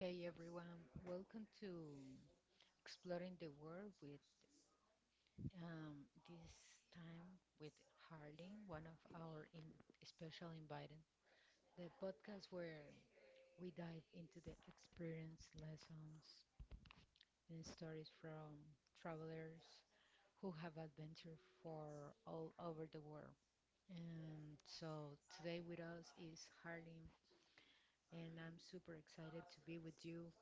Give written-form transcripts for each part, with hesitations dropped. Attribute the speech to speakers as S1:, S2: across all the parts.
S1: Hey everyone, welcome to Exploring the World with this time with Harleen, one of our in special invited. The podcast where we dive into the experience, lessons, and stories from travelers who have adventure for all over the world. And so today with us is Harleen, and I'm super excited to be with you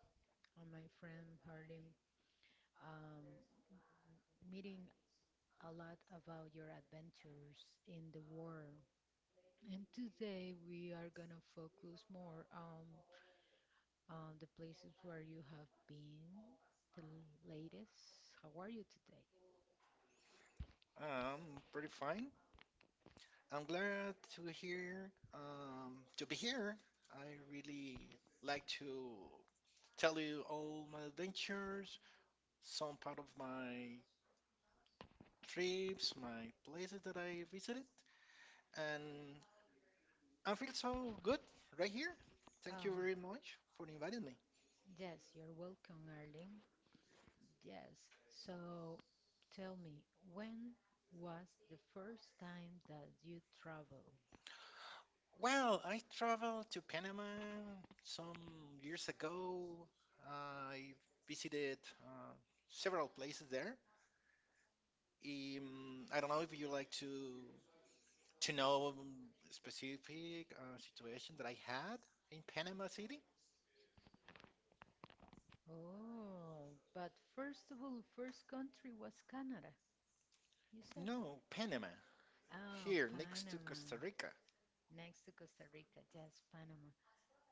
S1: and my friend Harleen um, meeting a lot about your adventures in the world. And today we are going to focus more on the places where you have been, latest. How are you today?
S2: Pretty fine. I'm glad to hear to be here. I really like to tell you all my adventures, some part of my trips, my places that I visited, and I feel so good right here. Thank you
S1: Oh,
S2: very much for inviting me.
S1: yes, you're welcome, Arlene. Yes. So tell me, when was the first time that you traveled?
S2: Well, I traveled to Panama some years ago. I visited uh, several places there. I don't know if you like to know a specific situation that I had in Panama City.
S1: Oh, but first of all, first country was Canada, you said.
S2: No, Panama,
S1: Oh,
S2: here next to Costa
S1: Panama.
S2: Rica.
S1: Next to Costa Rica, yes, Panama.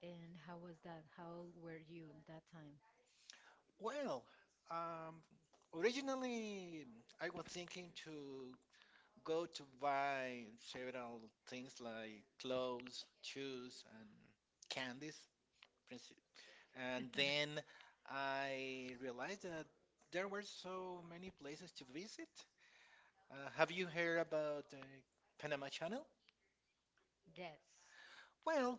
S1: And how was that? How old were you at that time?
S2: Well, um, originally I was thinking to go to buy several things like clothes, shoes, and candies, princi- and then I realized that there were so many places to visit. Have you heard about the Panama Channel?
S1: Yes.
S2: Well,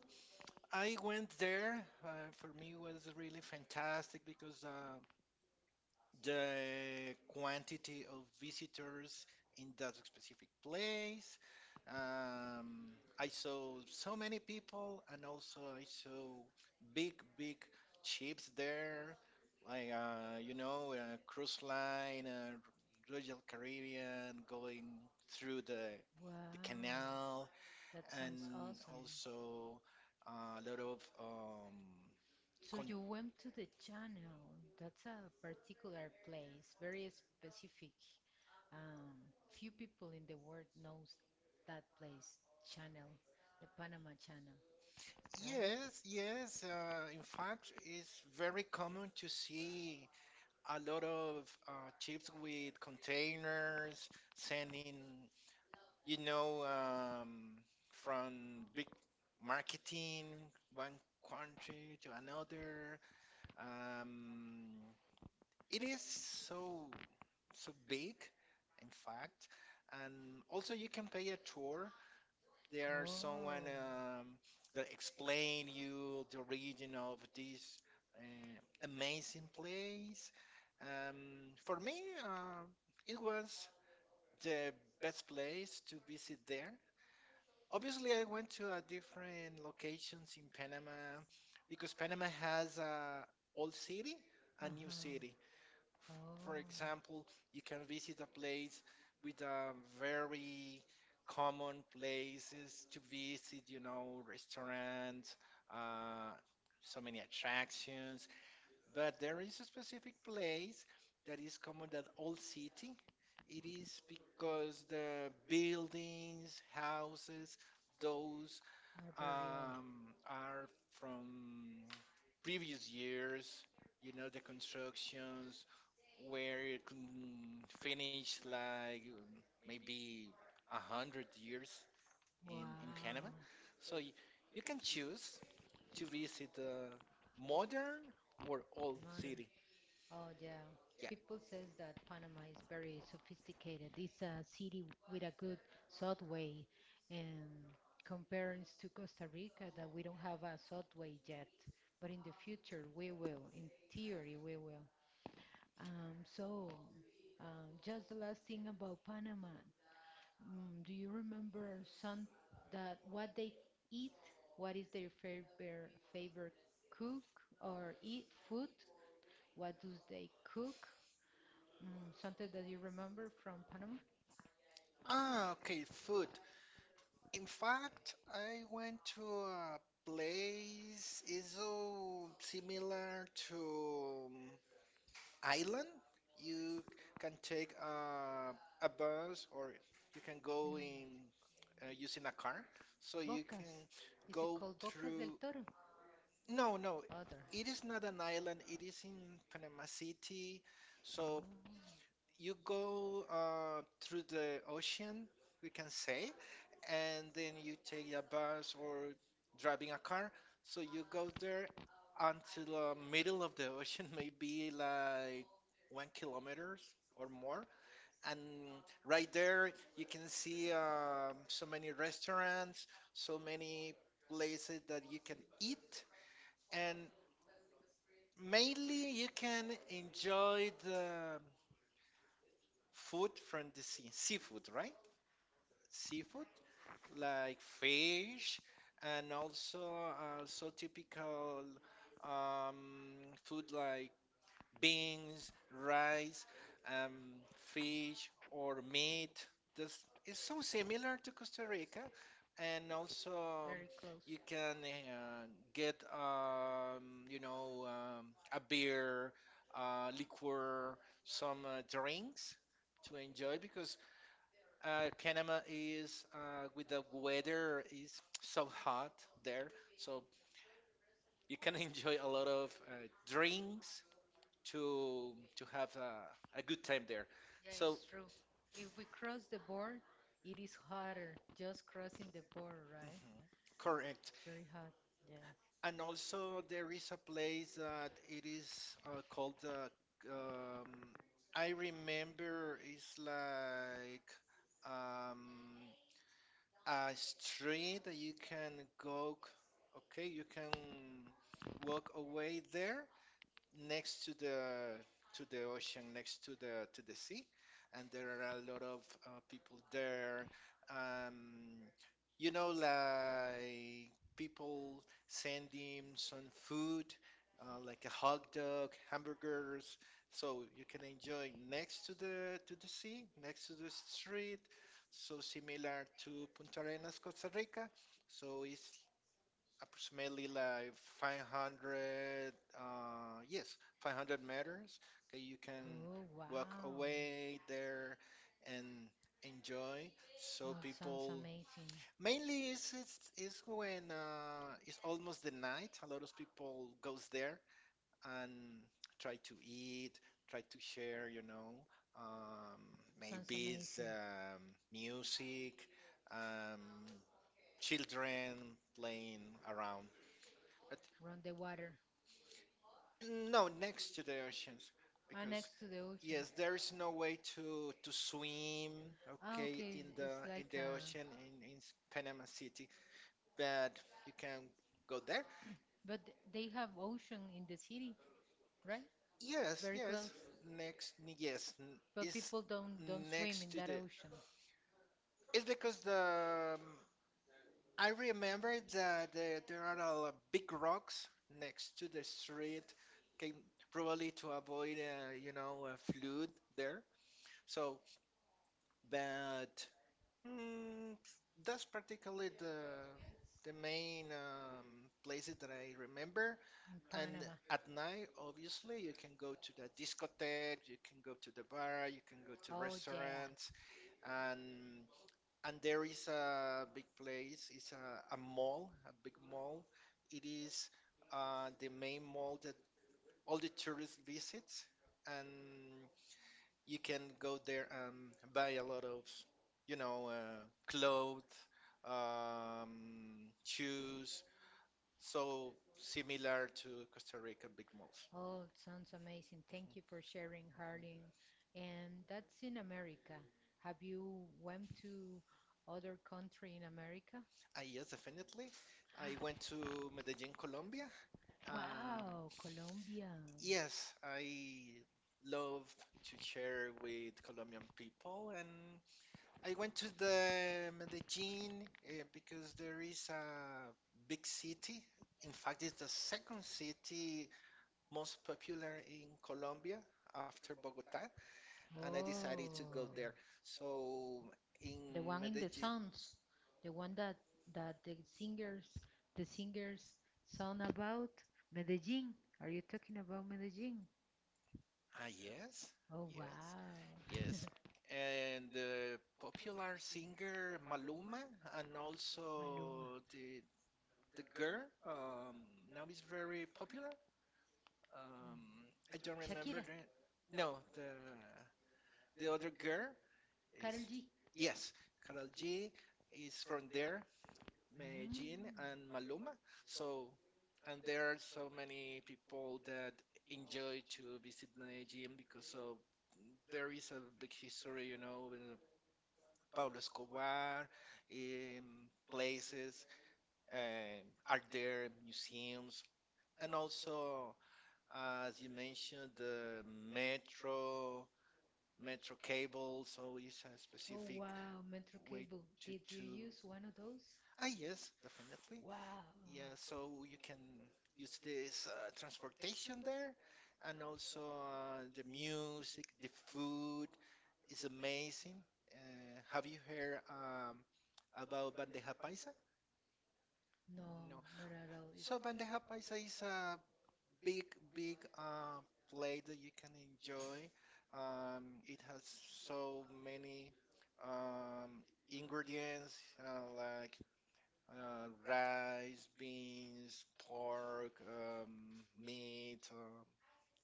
S2: I went there. For me, it was really fantastic because the quantity of visitors in that specific place. Um, I saw so many people, and also I saw big, big ships there, like cruise line, Royal Caribbean, going through the
S1: Wow,
S2: canal.
S1: that sounds
S2: And
S1: awesome.
S2: also a lot of
S1: So
S2: con-
S1: you went to the channel. That's a particular place, very specific. Few people in the world knows that place, channel, the Panama Channel, right?
S2: Yes, yes. In fact, it's very common to see a lot of uh, ships with containers sending, you know, um, from big marketing one country to another. Um, it is so so big, in fact, and also you can pay a tour. There's someone
S1: Oh,
S2: that explain you the origin of this uh, amazing place. For me, it was the best place to visit there. Obviously, I went to different locations in Panama because Panama has a old city, a new city.
S1: uh-huh. Oh,
S2: For example, you can visit a place with a very common places to visit, you know, restaurants, uh, so many attractions. But there is a specific place that is common that all city. It is because the buildings, houses, those
S1: are burial.
S2: are from previous years. You know, the constructions where it can finish like maybe a hundred years in Panama.
S1: Wow.
S2: So you can choose to visit the modern or old
S1: Mother.
S2: city.
S1: Oh, yeah.
S2: Yeah.
S1: People says that Panama is very sophisticated. It's a city with a good subway, and comparing to Costa Rica, that we don't have a subway yet, but in the future we will. In theory, we will. So, just the last thing about Panama, mm, do you remember some that what they eat? What is their favorite favorite cook or eat food? What do they cook? Mm, something that you remember from Panama?
S2: Ah, okay, food. In fact, I went to a place is so similar to Island. You can take a bus or you can go
S1: Um,
S2: in using a car. So you
S1: bocas.
S2: can
S1: Is it
S2: go
S1: called Bocas del
S2: through.
S1: Toro?
S2: No, no,
S1: Other.
S2: it is not an island. It is in Panama City.
S1: Oh,
S2: So you go through the ocean, we can say, and then you take a bus or driving a car. So you go there until the middle of the ocean, maybe like 1 kilometer or more. And right there, you can see so many restaurants, so many places that you can eat, and mainly you can enjoy the food from the sea, seafood, right? Seafood like fish and also so typical um, food like beans, rice, um, fish or meat. This is so similar to Costa Rica, and also
S1: very close.
S2: you can get you know um, a beer, liquor, some drinks to enjoy because Panama is with the weather is so hot there, so you can enjoy a lot of drinks to have a good time there.
S1: Yeah,
S2: So
S1: it's true. If we cross the board, it is harder. Just crossing the board, right?
S2: correct.
S1: It's very hard. Yeah.
S2: And also there is a place that it is called um, I remember it's like um, a street that you can go. Okay, you can walk away there next to the ocean, next to the sea, and there are a lot of people there. Um, you know, like people sending some food, like a hot dog, hamburgers, so you can enjoy next to the sea, next to the street. So similar to Punta Arenas, Costa Rica. So it's approximately like 500 yes 500 meters. Okay, you can
S1: Oh, wow.
S2: walk away there and enjoy. So
S1: Well, sounds
S2: people
S1: amazing.
S2: mainly is it's when it's almost the night a lot of people goes there and try to eat, try to share, you know, um
S1: Sounds
S2: maybe it's
S1: amazing. Uh,
S2: music, um children playing around. But
S1: Around the water.
S2: no, next to the oceans,
S1: Ah,
S2: because
S1: next to the ocean.
S2: yes, there is no way to swim,
S1: Ah,
S2: okay,
S1: okay.
S2: in the
S1: It's like a.
S2: ocean in Panama City, but you can go there.
S1: But they have ocean in the city, right?
S2: Yes,
S1: Very close.
S2: yes, next, yes,
S1: But
S2: is
S1: people don't swim
S2: next
S1: in
S2: to
S1: that
S2: the.
S1: ocean in
S2: It's because the I remember that there are a lot big rocks next to the street, okay, probably to avoid a flood there. So, but, Mm, that's practically the main places that I remember. And
S1: Panama.
S2: at night, obviously, you can go to the discotheque, you can go to the bar, you can go to
S1: Oh yeah.
S2: restaurants, and there is a big place. It's a mall, a big mall. It is the main mall that all the tourists visits, and you can go there and buy a lot of, you know, clothes, shoes, so similar to Costa Rica big malls.
S1: Oh, it sounds amazing. Thank you for sharing, Harlem. And that's in America. Have you went to other country in America?
S2: Ah, yes, definitely. I went to Medellin, Colombia. Um,
S1: Wow, Colombia.
S2: yes, I love to share with Colombian people and I went to the Medellin because there is a big city. In fact, it's the second city most popular in Colombia after Bogota, and I decided to go
S1: Oh,
S2: there. So
S1: the
S2: in
S1: one in the
S2: Medellin,
S1: songs, the one that that the singers song about Medellin. Are you talking about Medellin?
S2: ah yes,
S1: Oh, wow.
S2: yes, yes, and the popular singer Maluma, and
S1: Maluma.
S2: also the girl now is very popular. Um,
S1: Mm.
S2: I don't remember
S1: Shakira,
S2: the. No, the other girl is,
S1: Karol G.
S2: yes, Karol G is from there,
S1: Mm.
S2: Medellin and Maluma. So and there are so many people that enjoy to visit Medellin because of there is a big history, you know, with Pablo Escobar, places, and are there museums, and also as you mentioned, the metro, metro cable, so it's a
S1: Oh
S2: specific
S1: wow, Metro
S2: way
S1: Cable.
S2: to
S1: Did you
S2: to.
S1: use one of those?
S2: Ah, yes, definitely.
S1: Wow.
S2: Yeah, so you can use this transportation there, and also the music, the food is amazing. Have you heard about bandeja paisa?
S1: No,
S2: No.
S1: not at all. It-
S2: So bandeja paisa is a big, big play that you can enjoy. It has so many um, ingredients like rice, beans, pork, meat.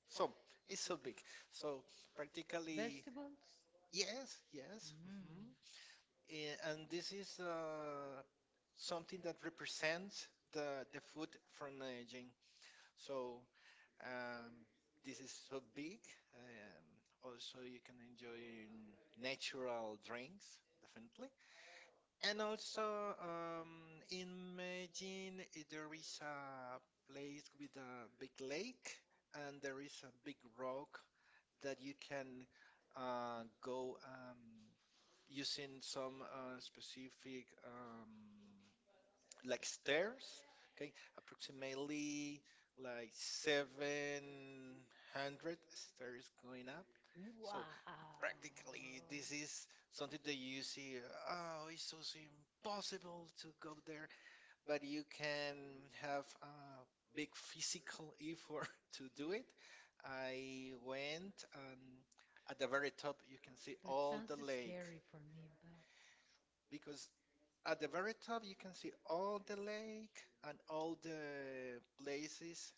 S2: So it's so big. So practically,
S1: Vegetables?
S2: yes, yes.
S1: Mm.
S2: A- And this is something that represents the food from Medellin. So um, this is so big. Um, Also, you can enjoy natural drinks, definitely. And also, in Medellin, there is a place with a big lake, and there is a big rock that you can go using some specific like stairs, okay, approximately like 700 stairs going up.
S1: Wow.
S2: So practically, this is something that you see, oh, it's so impossible to go there, but you can have a big physical effort to do it. I went, and at the very top, you can see
S1: That
S2: all
S1: sounds
S2: the lake
S1: scary for me, but
S2: because at the very top, you can see all the lake and all the places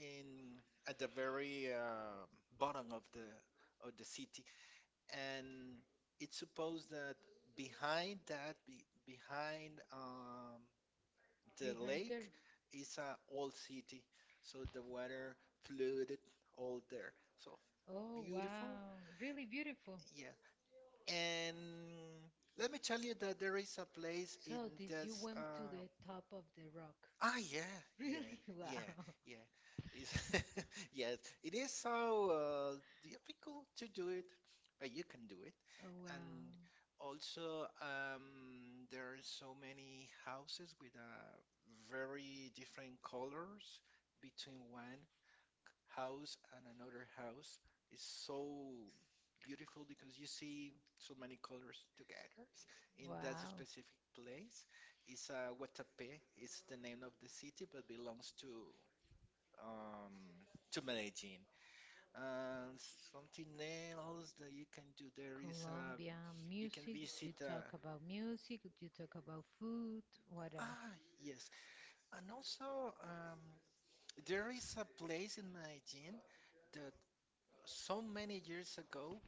S2: in at the very bottom of the city. And it's supposed that behind that, behind the
S1: behind
S2: lake,
S1: there.
S2: is an old city. So the water flooded all there. So
S1: Oh
S2: beautiful.
S1: wow, really
S2: Really beautiful.
S1: beautiful.
S2: Yeah. And let me tell you that there is a place in
S1: So did you
S2: this.
S1: went to the top of the rock?
S2: Yeah, yeah,
S1: Really?
S2: yeah,
S1: Wow.
S2: yeah. It's yes, it is so difficult to do it, but you can do it.
S1: Oh wow.
S2: And also, there are so many houses with very different colors between one house and another house is so beautiful because you see so many colors together in that
S1: Wow.
S2: specific place. It's Guatapé. It's the name of the city, but belongs um, to Medellin. And something else that you can do there is
S1: Colombia,
S2: you can
S1: music,
S2: visit.
S1: you talk about music, you talk about food, what else?
S2: Ah, yes, and also there is a place in Medellin that so many years ago.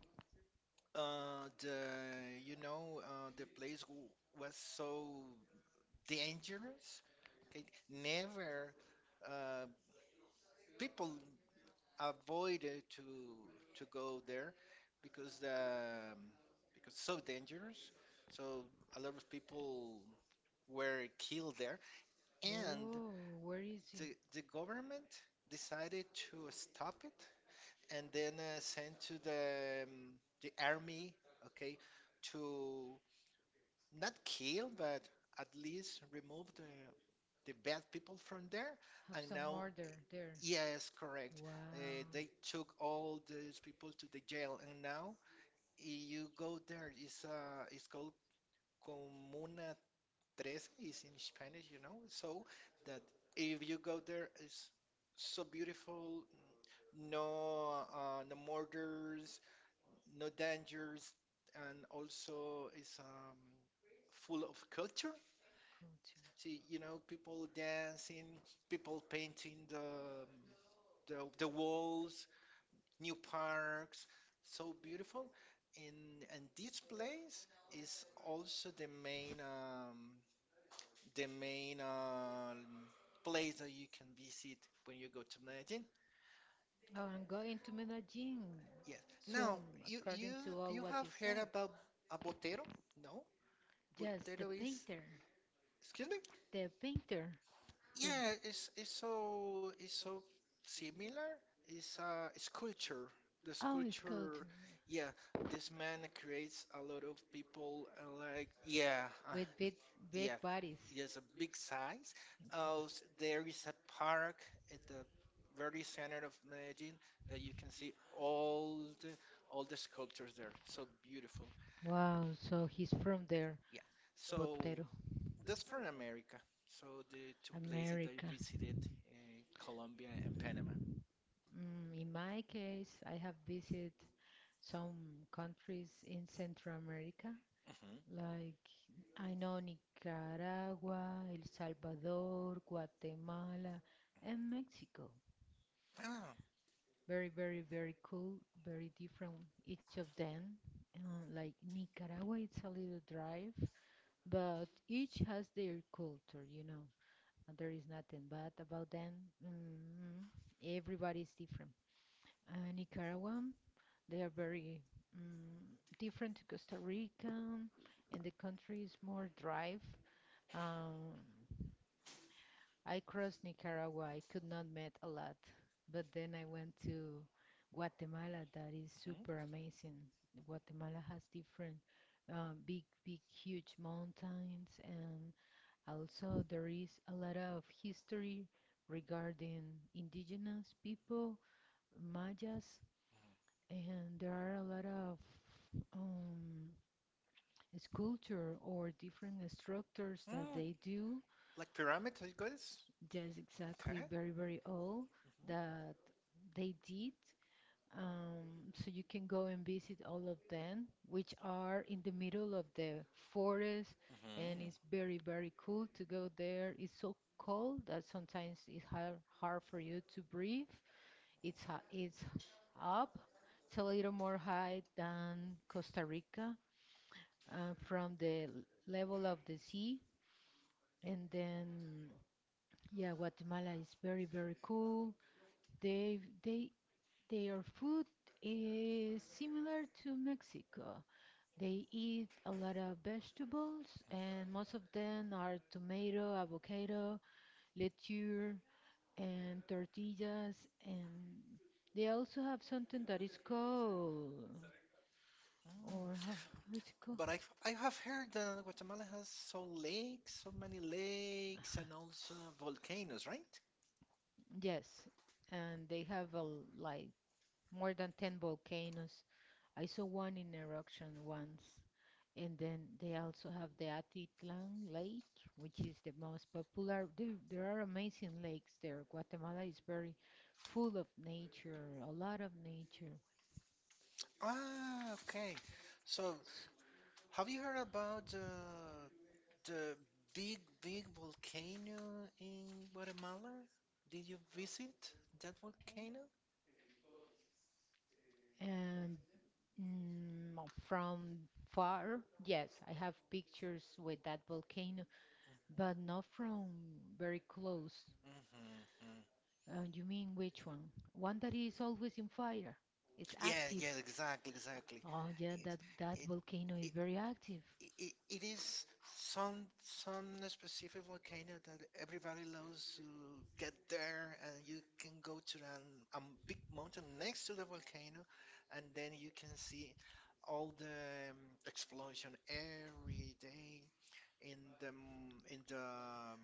S2: The, you know, the place w was so dangerous. Okay, never uh, people avoided to go there because the because so dangerous. So a lot of people were killed there, and
S1: Oh, where is
S2: the
S1: he?
S2: government decided to stop it and then sent to the army. Okay, to not kill, but at least remove the bad people from there.
S1: Have
S2: And
S1: some
S2: now,
S1: order there.
S2: yes, correct.
S1: Wow.
S2: They took all those people to the jail, and now you go there. It's called Comuna Trece. It's in Spanish, you know. So that if you go there, it's so beautiful. No, no murders, no dangers, and also it's full of culture.
S1: Culture.
S2: See, you know, people dancing, people painting the walls, new parks, so beautiful. And this place is also the main the main um, place that you can visit when you go to Medellin.
S1: Oh, I'm going to Medellin.
S2: Yes.
S1: So,
S2: Now you you
S1: according to all
S2: you
S1: what
S2: have
S1: you
S2: heard
S1: said.
S2: about a Botero? No,
S1: Yes, the
S2: Botero is,
S1: painter.
S2: excuse me.
S1: The painter. The,
S2: Yeah, it's so it's so similar. It's culture. The
S1: oh, it's
S2: sculpture,
S1: culture. Is
S2: yeah. This man creates a lot of people like yeah,
S1: with big, big
S2: yeah.
S1: bodies. It's-
S2: Yes, a big size. There is a park at the very center of Medellin that you can see all the sculptures there. So beautiful.
S1: Wow, so he's from there,
S2: Yeah. So
S1: Botero, so
S2: that's for America. So the two places that I
S1: America.
S2: visited, uh, Colombia and Panama.
S1: Mm, in my case, I have visited some countries in Central America,
S2: Hmm.
S1: like I know Nicaragua, El Salvador, Guatemala, and Mexico.
S2: Ah.
S1: Very, very, very cool, very different each of them. Like Nicaragua, it's a little drive, but each has their culture, you know. And there is nothing bad about them. Mm, everybody's different. Nicaragua, they are very mm, different to Costa Rica, and the country is more dry. Um, I crossed Nicaragua. I could not met a lot, but then I went to Guatemala. That is
S2: Hmm.
S1: super amazing. Guatemala has different big, big, huge mountains, and also there is a lot of history regarding indigenous people, Mayas, and there are a lot of um,
S2: Hmm.
S1: sculpture or different structures that
S2: Mm,
S1: they do.
S2: like pyramid, I.
S1: That's exactly
S2: Okay.
S1: very, very old that they did. So you can go and visit all of them, which are in the middle of the forest,
S2: Hmm.
S1: and
S2: Hmm.
S1: it's very, very cool to go there. It's so cold that sometimes it's hard, hard for you to breathe. It's up. It's a little more high than Costa Rica from level of the sea. And then, yeah, Guatemala is very, very cool. They their food is similar to Mexico. They eat a lot of vegetables, and most of them are tomato, avocado, lechuga, and tortillas. And they also have something that is called,
S2: Mm.
S1: or how is it called?
S2: But I have heard that Guatemala has so many lakes, and also volcanoes, right?
S1: Yes, and they have a, like more than 10 volcanoes. I saw one in eruption once. And then they also have the Atitlan Lake, which is the most popular. There are amazing lakes there. Guatemala is very full of nature, a lot of nature.
S2: Ah, okay. So,
S1: S-
S2: have you heard about the big, big volcano in Guatemala? Did you visit that volcano?
S1: and mm, from far, yes, I have pictures with that volcano, but not from very close.
S2: Mm-hmm.
S1: You mean which one? One that is always in fire. It's
S2: Yeah,
S1: active.
S2: yeah, exactly, exactly.
S1: Oh yeah,
S2: It,
S1: that that
S2: it,
S1: volcano is
S2: it,
S1: very active.
S2: it is some specific volcano that everybody loves to get there, and you can go to a big mountain next to the volcano, and then you can see all the explosion every day in the m- in the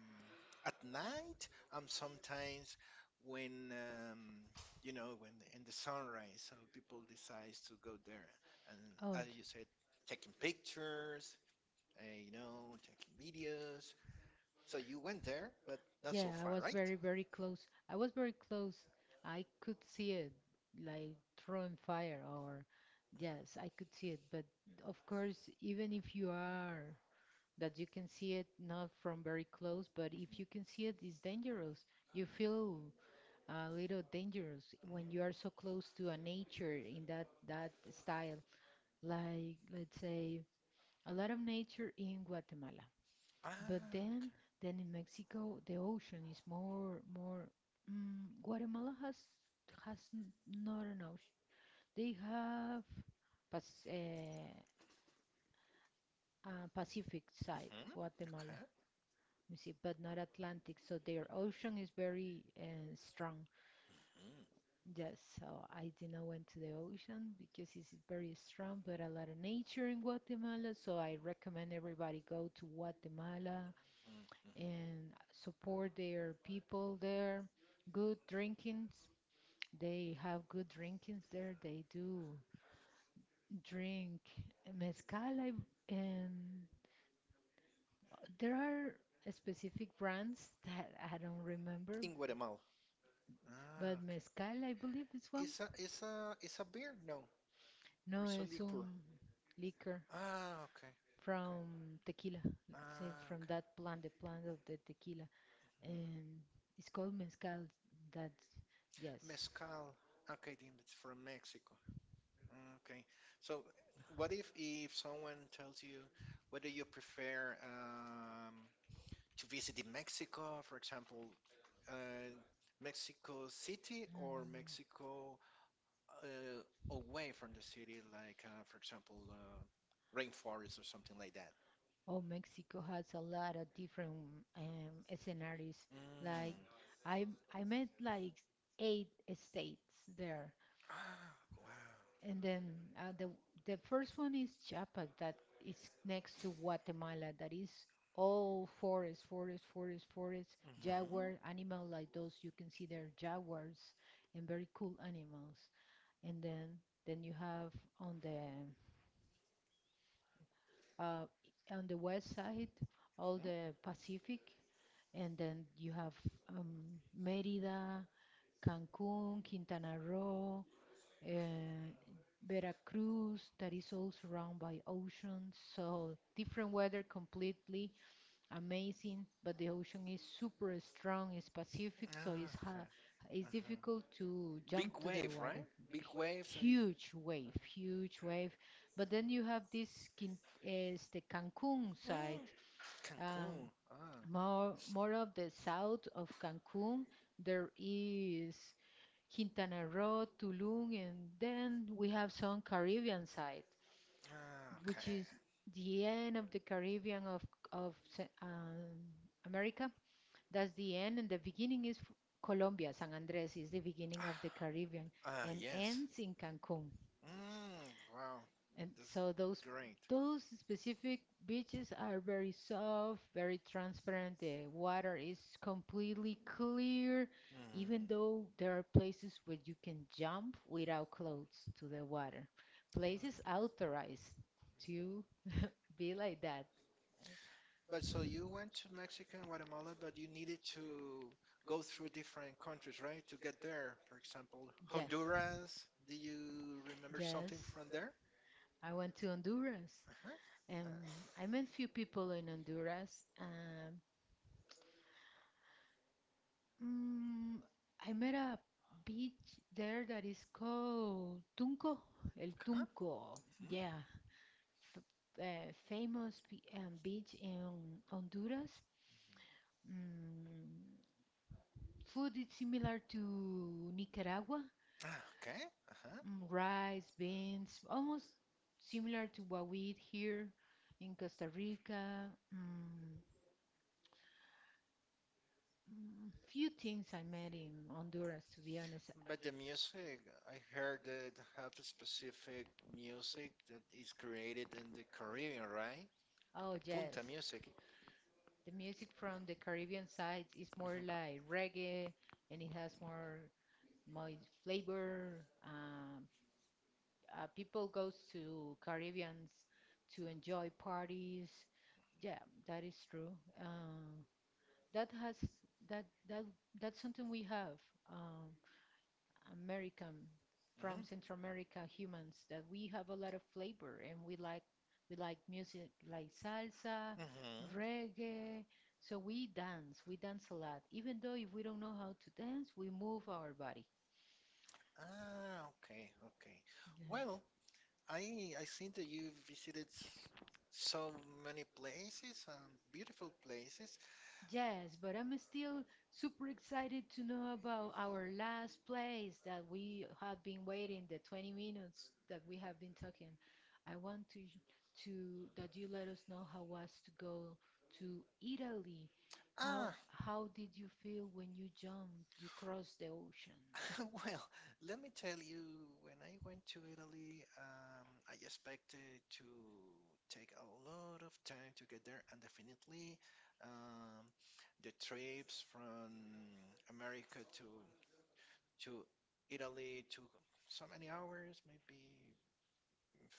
S2: at night. Sometimes when um, when in the sunrise, so people decides to go there, and
S1: Oh
S2: as
S1: j-
S2: you said, taking pictures, taking videos. So you went there, but not so
S1: yeah, I
S2: far,
S1: was
S2: right?
S1: very very
S2: Mhm.
S1: close. I was very close. I could see it like throwing fire or yes, I could see it. But of course, even if you are that you can see it not from very close, but if you can see it, it's dangerous. You feel a little dangerous when
S2: Mm.
S1: you are so close to a nature in that that style, like let's say a lot of nature in Guatemala, but
S2: Ah.
S1: then in Mexico the ocean is more more mm, Guatemala has has n- not an ocean, they have Pas- uh, Pacific side
S2: Mhm.
S1: Guatemala,
S2: Okay.
S1: you see, but not Atlantic, so their ocean is very strong.
S2: Mm.
S1: Yes, so I didn't went to the ocean because it's very strong, but a lot of nature in Guatemala. So I recommend everybody go to Guatemala
S2: Mhm.
S1: and support their people there. Good drinkings. They have good drinkings there. They do drink mezcal, I, and there are specific brands that I don't remember,
S2: In Guatemala. Ah,
S1: but
S2: okay.
S1: mezcal, I believe, is one.
S2: It's a beer? No, or
S1: No,
S2: it's a
S1: es
S2: liquor.
S1: un liquor
S2: Ah, okay, okay.
S1: from tequila, say
S2: Ah,
S1: from
S2: okay.
S1: that plant, the plant of the tequila,
S2: Mhm.
S1: and it's called mezcal. That's yes. And,
S2: Mezcal. Okay, then it's from Mexico. Mm, okay. So, what if someone tells you whether you prefer to visit in Mexico, for example, uh, Mexico City or Mexico uh, away from the city, like for example, rainforest or something like that.
S1: oh, Mexico has a lot of different um, scenarios. Like
S2: Mm.
S1: I I met like eight states there,
S2: Ah, wow.
S1: and then uh, the the first one is Chiapas, that is next to Guatemala. That is all forest, forest, forest, forest,
S2: Mm-hmm.
S1: jaguar, animal like those you can see there, jaguars and very cool animals. And then you have on the uh, on the west side all
S2: Mm.
S1: the Pacific, and then you have Mérida, Cancún, Quintana Roo, uh, Veracruz, that is all surrounded by oceans, so different weather completely amazing, but the ocean is super strong, it's Pacific, so
S2: Ah, okay.
S1: it's difficult
S2: Uh-huh.
S1: to
S2: Big
S1: jump to the
S2: wave,
S1: water.
S2: right? Big wave. So you.
S1: Huge wave, huge wave. But then you have this Quin is the Cancun
S2: Uh-huh.
S1: side,
S2: Mm. Cancun.
S1: um,
S2: Ah,
S1: more more of the south of Cancun. There is. Quintana Roo, Tulum, and then we have some Caribbean side,
S2: ah,
S1: which
S2: okay.
S1: is the end of the Caribbean of of Ce- um, America. That's the end, and the beginning is f- Colombia. San Andres is the beginning of the Caribbean,
S2: Ah,
S1: and
S2: yes.
S1: ends in Cancun.
S2: Mm, wow.
S1: And
S2: And this is
S1: so
S2: great.
S1: those specific beaches are very soft, very transparent. The water is completely clear
S2: Mm,
S1: even though there are places where you can jump without clothes to the
S2: wow.
S1: water, places authorized to be like that.
S2: But so you went to Mexico and Guatemala, but you needed to go through different countries, right? To get there, for example,
S1: Yes.
S2: Honduras. Do you remember something Honduras
S1: Yes.
S2: from there?
S1: I went to Honduras
S2: Uh-huh. Uh,
S1: and I met few people in Honduras. Um, mm, I met a beach there that is called Tunco, El
S2: huh.
S1: Tunco.
S2: Mhm.
S1: Yeah, f- famous beach in Honduras. Mm, food is similar to Nicaragua.
S2: Ah, okay. Uh-huh.
S1: Mm, rice, beans, almost similar to what we eat here in Costa Rica. Mm, mm, few things I met in Honduras, to be honest.
S2: But the music, I heard that have a specific music that is created in the Caribbean, right?
S1: Oh, yes.
S2: Punta music.
S1: The music from the Caribbean side is more like reggae and it has more more flavor, uh, people goes to Caribbeans to enjoy parties. Yeah, that is true. Uh, that has that that's something we have. Um, American
S2: Mhm.
S1: from
S2: Mhm.
S1: Central America humans that we have a lot of flavor and we like music like salsa,
S2: Mhm.
S1: reggae. So we dance a lot. Even though if we don't know how to dance, we move our body.
S2: Ah, okay, okay.
S1: Yeah.
S2: Well, I think that you visited so many places and beautiful places.
S1: Yes, but I'm still super excited to know about our last place that we have been waiting the 20 minutes that we have been talking. I want to that you let us know how was to go to Italy. How
S2: Ah,
S1: how did you feel when you jumped, you crossed the ocean?
S2: well, let me tell you, when I went to Italy, I expected to take a lot of time to get there, and definitely, um, the trips from America to Italy took so many hours, maybe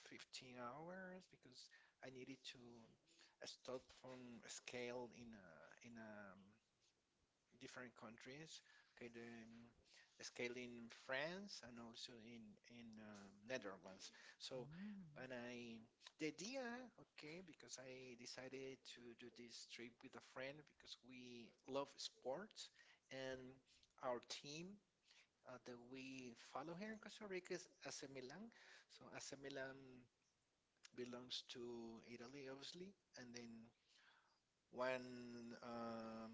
S2: 15 hours, because I needed to stop from scale in a different countries. Okay, the scale in France and also in Netherlands. So,
S1: Mm.
S2: and I the idea, okay, because I decided to do this trip with a friend because we love sports and our team that we follow here in Costa Rica is AC Milan. So AC Milan belongs to Italy, obviously, and then when um,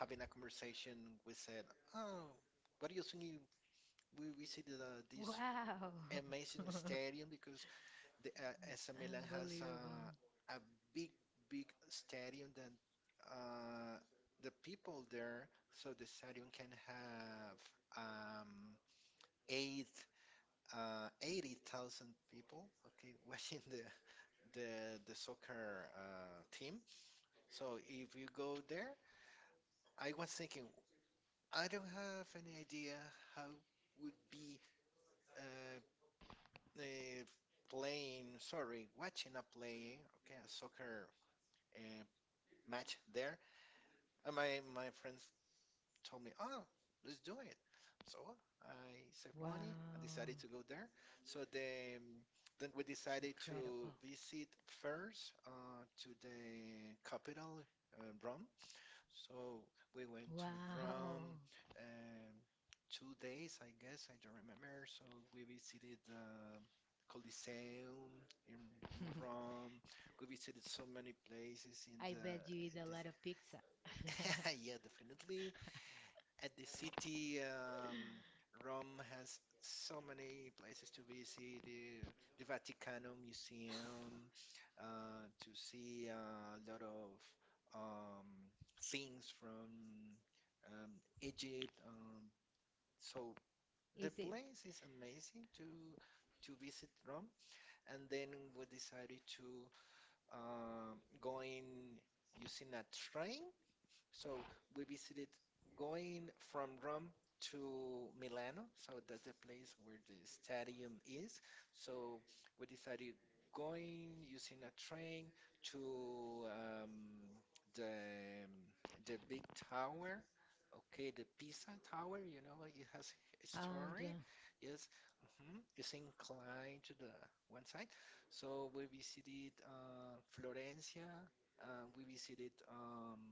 S2: having a conversation, we said, "Oh, what do you think we visited this
S1: Wow.
S2: amazing stadium because the AC Milan has
S1: Unbelievable.
S2: a big, big stadium that uh, the people there, so the stadium can have eight, 80,000 people, okay, watching the soccer team." So if you go there, I was thinking, I don't have any idea how would be uh, uh, playing, sorry, watching a play, okay, a soccer uh, match there. And my friends told me, "Oh, let's do it." So I saved
S1: Wow.
S2: money and decided to go there. So then we decided to
S1: Incredible.
S2: visit first to the capital, Rome, so we went to
S1: Wow.
S2: Rome um, 2 days, I guess, I don't remember. So we visited the Colosseum in Rome. We visited so many places
S1: I bet you
S2: at.
S1: eat a lot of pizza.
S2: Yeah, definitely. At the city, Rome has so many places to visit, the Vaticano Museum, to see a lot of um, things from um, Egypt. So the
S1: Is it?
S2: place is amazing to visit Rome, and then we decided to going using a train so we visited going from Rome to Milano. So that's the place where the stadium is. So we decided going using a train to the the big tower. Okay, the Pisa Tower, it has a
S1: Oh,
S2: story.
S1: the
S2: Yes. It's inclined to the one side. So we visited Florencia. We visited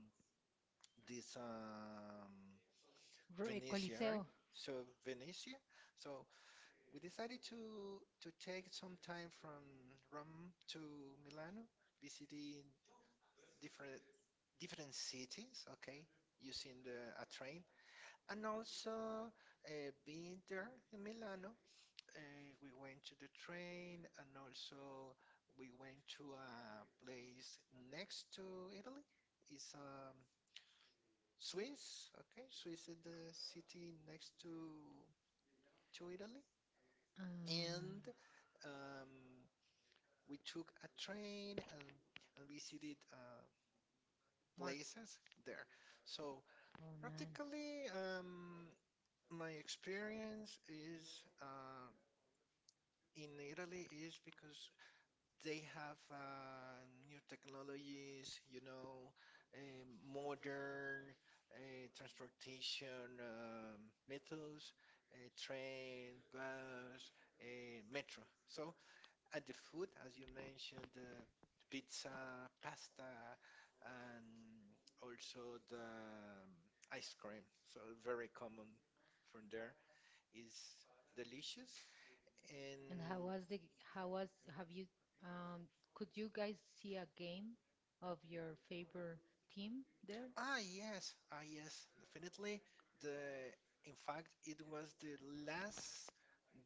S2: this
S1: Re-
S2: Venetia, right?
S1: Coliseo.
S2: So Venetia. So we decided to take some time from Rome to Milano, visiting different different cities. Okay, using the a train, and also being there in Milano, uh, we went to the train, and also we went to a place next to Italy. It's Swiss? Okay, Swiss is the city next to Italy.
S1: Uh,
S2: And um, we took a train and visited
S1: Mark.
S2: places there. So
S1: Oh, nice.
S2: practically, my experience is in Italy is because they have new technologies, modern transportation methods, train, bus, metro. So, at the food, as you mentioned, pizza, pasta, and also the ice cream. So, very common from there is delicious
S1: And how
S2: and.
S1: was the how was have you um could you guys see a game of your favorite team there?
S2: Ah, yes, ah, yes, definitely. The In fact, it was the last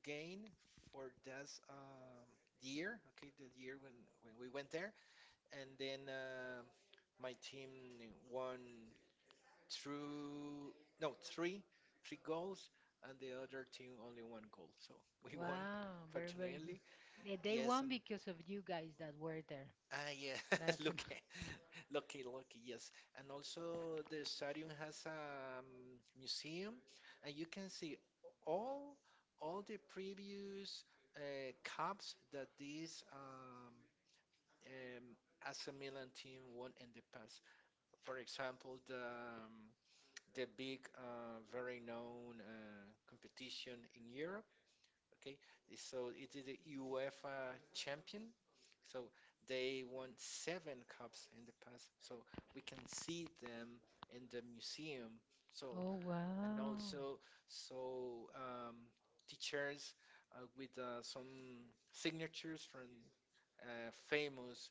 S2: game for that year. Okay, the year when we went there, and then my team won through no three three goals, and the other team only one goal. So we won,
S1: Wow, very very good.
S2: fortunately.
S1: They
S2: Yes,
S1: won
S2: and
S1: because of you guys that were there.
S2: yeah,
S1: That for
S2: look. Lucky, lucky, yes. And also the stadium has a museum, and you can see all all the previous cups that this um, AC Milan team won in the past. For example, the big, very known competition in Europe. Okay, so it is the UEFA champion. So they won seven cups in the past. So we can see them in the museum. So
S1: Oh
S2: and
S1: wow.
S2: also so um, teachers with some signatures from famous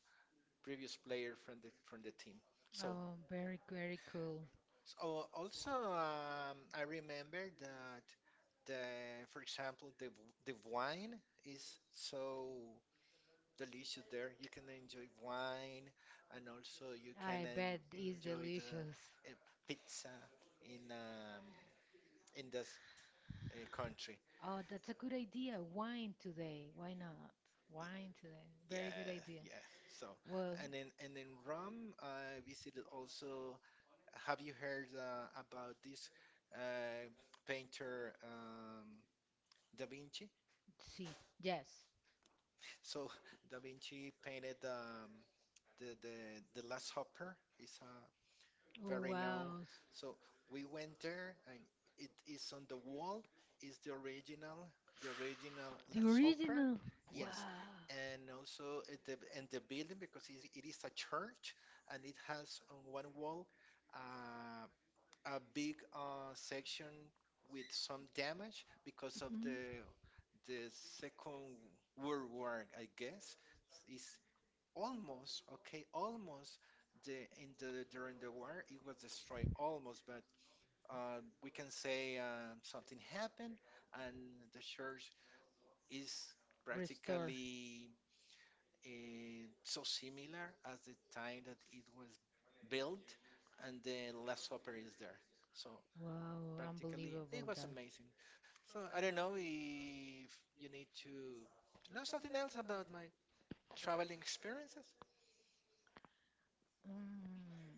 S2: previous player from the team. So
S1: Oh, very very cool.
S2: also, I remember that the, for example, the wine is so delicious there. You can enjoy wine, and also you can
S1: I
S2: en
S1: bet it's
S2: enjoy the
S1: delicious.
S2: uh, pizza in um, in this country.
S1: Oh, that's a good idea. Wine today. Why not? Wine today. Very good
S2: Yeah,
S1: idea.
S2: yeah. So,
S1: Well,
S2: and in Rome, I visited also have you heard about this uh, painter Da Vinci?
S1: see, yes.
S2: So Da Vinci painted the Last Supper. It's a
S1: Oh
S2: very known.
S1: wow, S-
S2: So we went there, and it is on the wall. Is the original
S1: the
S2: Last Supper?
S1: original. Yes. Wow.
S2: Yes, and also at the and the building because it is a church, and it has on one wall a a big section with some damage because of the Second World War, I guess. Is almost okay, almost the in the during the war it was destroyed almost, but we can say something happened and the church is
S1: Restore.
S2: practically so similar as the time that it was built, and the Last Supper is there. So
S1: Wow,
S2: practically. It
S1: unbelievable
S2: was
S1: that.
S2: amazing. So I don't know if you need to know something else about my traveling experiences.
S1: Mm.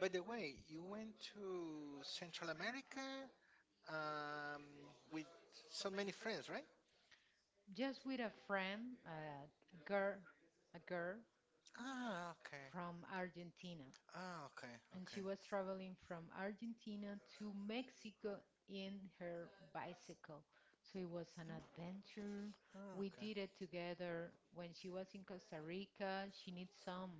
S2: By the way, you went to Central America um, with so many friends, right?
S1: Just with a friend, girl, a girl
S2: Ah, okay.
S1: from Argentina.
S2: Ah, okay,
S1: And she
S2: okay.
S1: was traveling from Argentina to Mexico in her bicycle. So it was an
S2: Mm,
S1: adventure.
S2: ah,
S1: We
S2: okay.
S1: did it together. When she was in Costa Rica, she needs some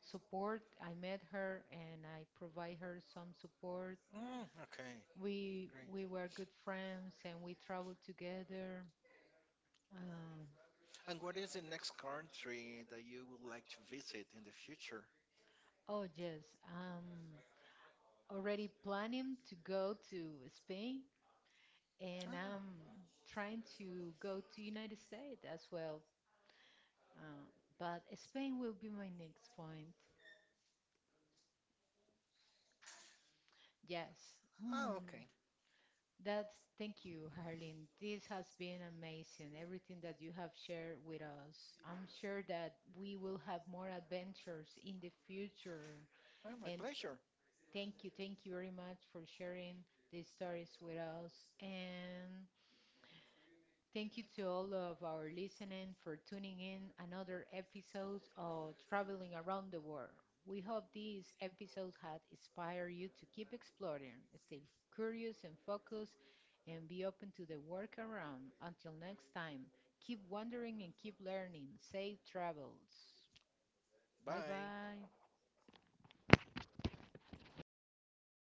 S1: support. I met her and I provide her some support.
S2: Mm, okay,
S1: We were good
S2: great.
S1: friends and we traveled together. Um,
S2: And what is the next country that you would like to visit in the future?
S1: oh yes, I'm already planning to go to Spain and
S2: Ah,
S1: I'm trying to go to United States as well. Uh, but Spain will be my next point. Yes.
S2: ah,
S1: Mm,
S2: okay.
S1: that's thank you, Harleen. This has been amazing. Everything that you have shared with us. I'm sure that we will have more adventures in the future.
S2: Well, my
S1: And
S2: pleasure.
S1: thank you very much for sharing these stories with us. And thank you to all of our listening for tuning in another episode of Traveling Around the World. We hope this episode has inspired you to keep exploring, stay curious and focused, and be open to the workaround. Until next time, keep wondering and keep learning. Safe travels.
S2: Bye.
S1: Bye.